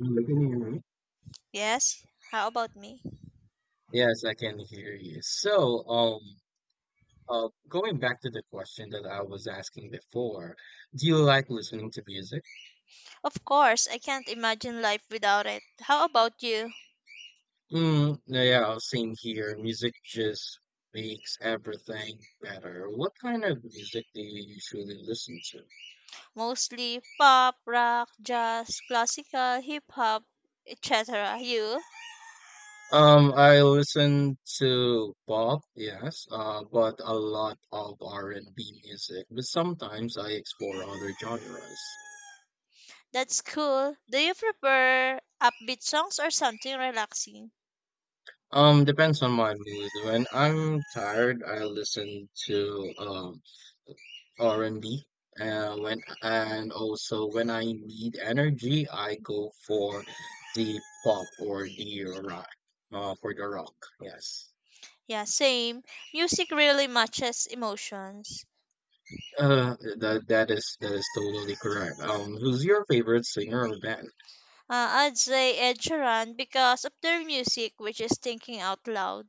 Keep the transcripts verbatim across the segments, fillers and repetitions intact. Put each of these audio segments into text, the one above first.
You can hear me? Yes, how about me? Yes, I can hear you. So, um, uh, going back to the question that I was asking before, do you like listening to music? Of course, I can't imagine life without it. How about you? Mm, yeah, same here. Music just makes everything better. What kind of music do you usually listen to? Mostly pop, rock, jazz, classical, hip hop, et cetera. You? Um, I listen to pop, yes, uh, but a lot of R and B music, but sometimes I explore other genres. That's cool. Do you prefer upbeat songs or something relaxing? Um, depends on my mood. When I'm tired, I listen to um R and B. Uh, when and Also when I need energy, I go for the pop or the rock. Uh, for the rock, yes. Yeah, same. Music really matches emotions. Uh, that that is that is totally correct. Um, who's your favorite singer or band? Uh, I'd say Ed Sheeran because of their music, which is thinking out loud.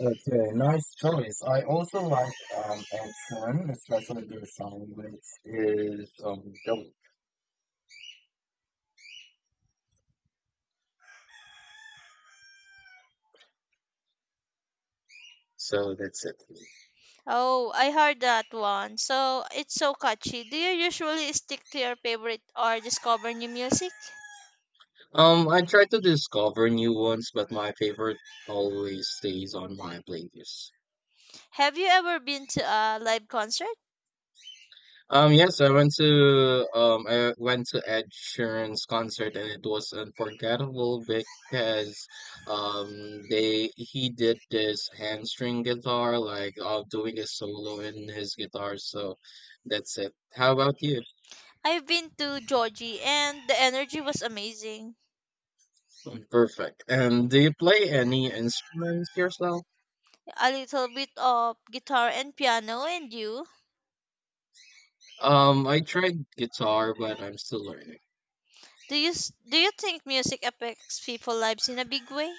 Okay, nice choice. I also like um Ed Sheeran, especially their song which is um Dope. So that's it. Oh, I heard that one. So it's so catchy. Do you usually stick to your favorite or discover new music? Um, I try to discover new ones, but my favorite always stays on my playlist. Have you ever been to a live concert? Um, yes, I went to um, I went to Ed Sheeran's concert, and it was unforgettable because um, they he did this handstring guitar, like uh, doing a solo in his guitar. So that's it. How about you? I've been to Georgie and the energy was amazing. Mm, perfect. And do you play any instruments yourself? A little bit of guitar and piano and you. Um, I tried guitar, but I'm still learning. Do you s- do you think music affects people's lives in a big way?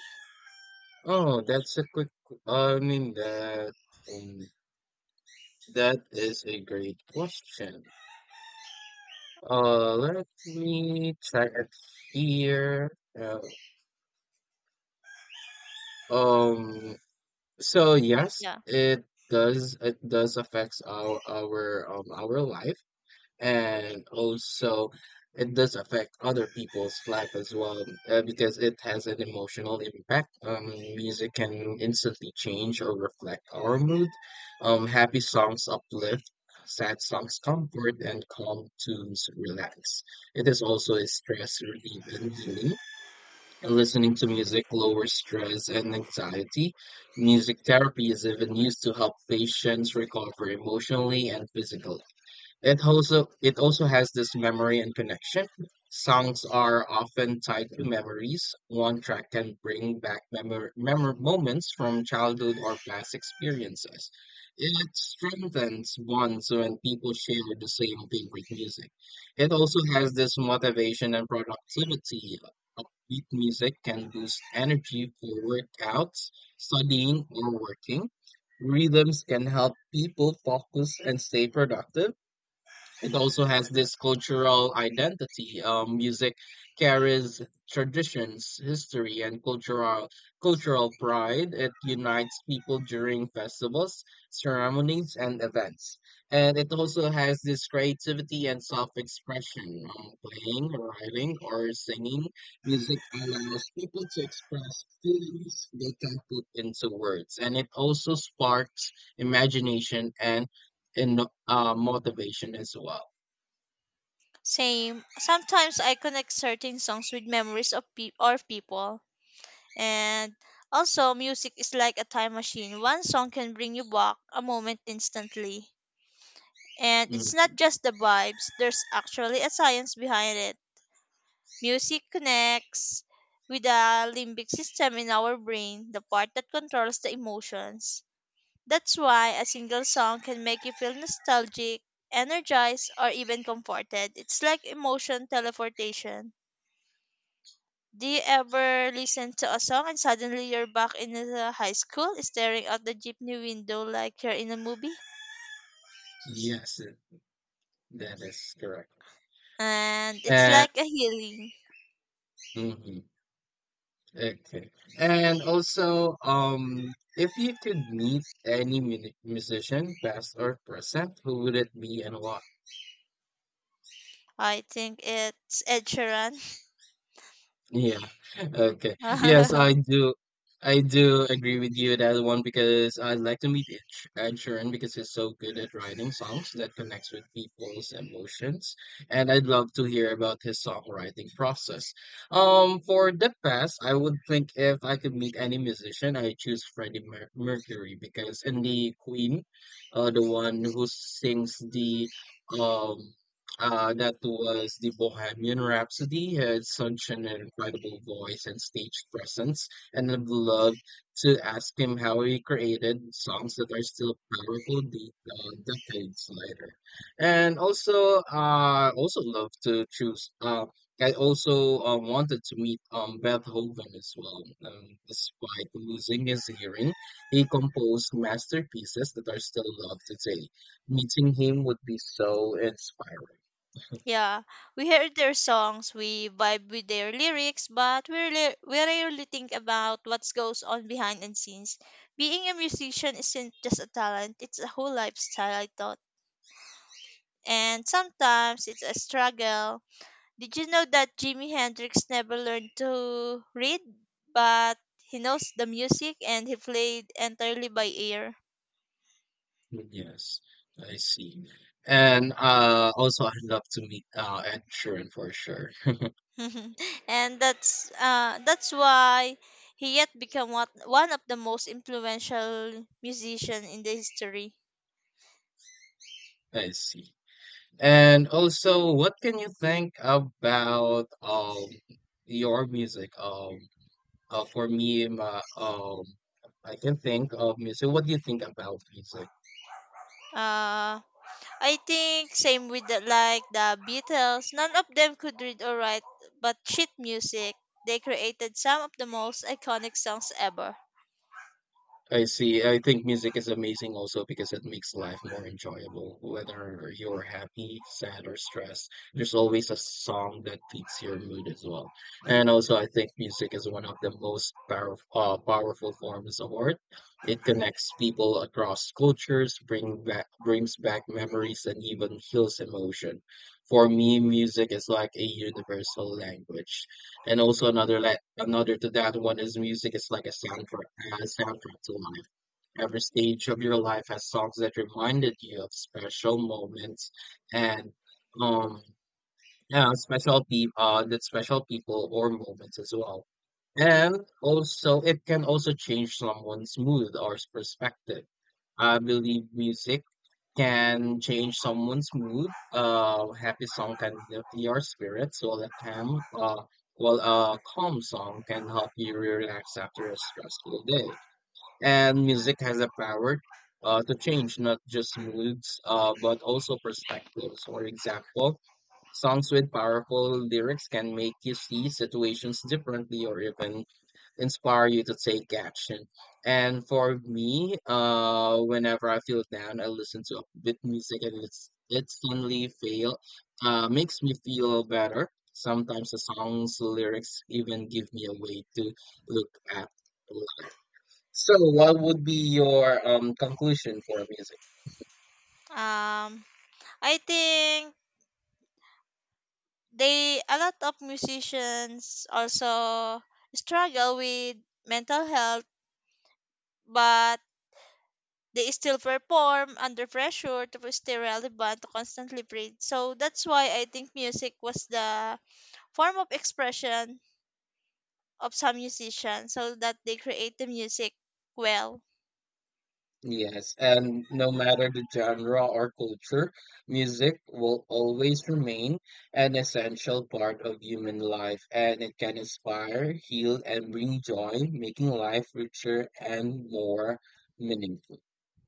Oh, that's a quick, I mean that um, that is a great question. Uh, let me check it here. Uh, um, so yes, Yeah. it does it does affects our our um our life. And also it does affect other people's life as well, uh, because it has an emotional impact. Um, music can instantly change or reflect our mood. Um, happy songs uplift, sad songs comfort, and calm tunes relax. It is also a stress relief and healing, and listening to music lowers stress and anxiety. Music therapy is even used to help patients recover emotionally and physically. It also it also has this memory and connection. Songs are often tied to memories. One track can bring back memor- memor- moments from childhood or past experiences. It strengthens bonds when people share the same favorite music. It also has this motivation and productivity. Upbeat music can boost energy for workouts, studying, or working. Rhythms can help people focus and stay productive. It also has this cultural identity. Um, music carries traditions, history, and cultural cultural pride. It unites people during festivals, ceremonies, and events. And it also has this creativity and self-expression. Um, playing, writing, or singing music allows people to express feelings they can't put into words. And it also sparks imagination and in, uh, motivation as well. Same. Sometimes I connect certain songs with memories of pe- or people. And also, music is like a time machine. One song can bring you back a moment instantly. And it's not Mhm. just the vibes, there's actually a science behind it. Music connects with the limbic system in our brain, the part that controls the emotions. That's why a single song can make you feel nostalgic, energized, or even comforted. It's like emotion teleportation. Do you ever listen to a song and suddenly you're back in the high school, staring out the jeepney window like you're in a movie? Yes, it- that is correct. And it's And like a healing. mhm, okay. And also, um, if you could meet any mu- musician, past or present, who would it be and why? I think it's Ed Sheeran. Yeah. Okay. Yes, I do. I do agree with you that one because I'd like to meet Ed Sh- Ed Sheeran because he's so good at writing songs that connects with people's emotions, and I'd love to hear about his songwriting process. Um, for the past, I would think if I could meet any musician, I choose Freddie Mer- Mercury because in the Queen, uh, the one who sings the um uh, that was the Bohemian Rhapsody had such an incredible voice and stage presence, and I'd love to ask him how he created songs that are still powerful de uh, decades later. And also, I also love to choose. Uh, I also uh, wanted to meet um, Beethoven as well. Um, despite losing his hearing, he composed masterpieces that are still loved today. Meeting him would be so inspiring. Yeah, we hear their songs, we vibe with their lyrics, but we rarely, we rarely think about what goes on behind the scenes. Being a musician isn't just a talent, it's a whole lifestyle, I thought. And sometimes it's a struggle. Did you know that Jimi Hendrix never learned to read, but he knows the music and he played entirely by ear. Yes, I see. And uh, also, I'd love to meet uh, Ed Sheeran for sure. And that's uh, that's why he yet become what, one of the most influential musician in the history. I see. And also, what can you think about um your music? Um, uh, for me, my, um, I can think of music. What do you think about music? Uh, I think same with the, like the Beatles. None of them could read or write, but sheet music. They created some of the most iconic songs ever. I see. I think music is amazing also because it makes life more enjoyable. Whether you're happy, sad, or stressed, there's always a song that fits your mood as well. And also, I think music is one of the most power, uh, powerful forms of art. It connects people across cultures, bring back, brings back memories, and even heals emotion. For me, music is like a universal language. And also another, like another to that one, is music is like a soundtrack, a soundtrack to life. Every stage of your life has songs that reminded you of special moments and um yeah, special people, uh, the special people or moments as well. And also, it can also change someone's mood or perspective. I believe music can change someone's mood. Uh, happy song can lift your spirits, while a calm, uh, while a calm song can help you relax after a stressful day. And music has a power uh, to change not just moods, uh, but also perspectives. For example, songs with powerful lyrics can make you see situations differently or even inspire you to take action. And for me, uh, whenever I feel down, I listen to upbeat music, and it's it suddenly feel uh, makes me feel better. Sometimes the song's lyrics even give me a way to look at life. So, what would be your um, conclusion for music? Um, I think they a lot of musicians also struggle with mental health, but they still perform under pressure to stay relevant to constantly breathe, so that's why I think music was the form of expression of some musicians so that they create the music well. Yes, and no matter the genre or culture, music will always remain an essential part of human life, and it can inspire, heal, and bring joy, making life richer and more meaningful.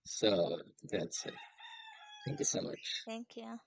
So that's it. Thank you so much. Thank you.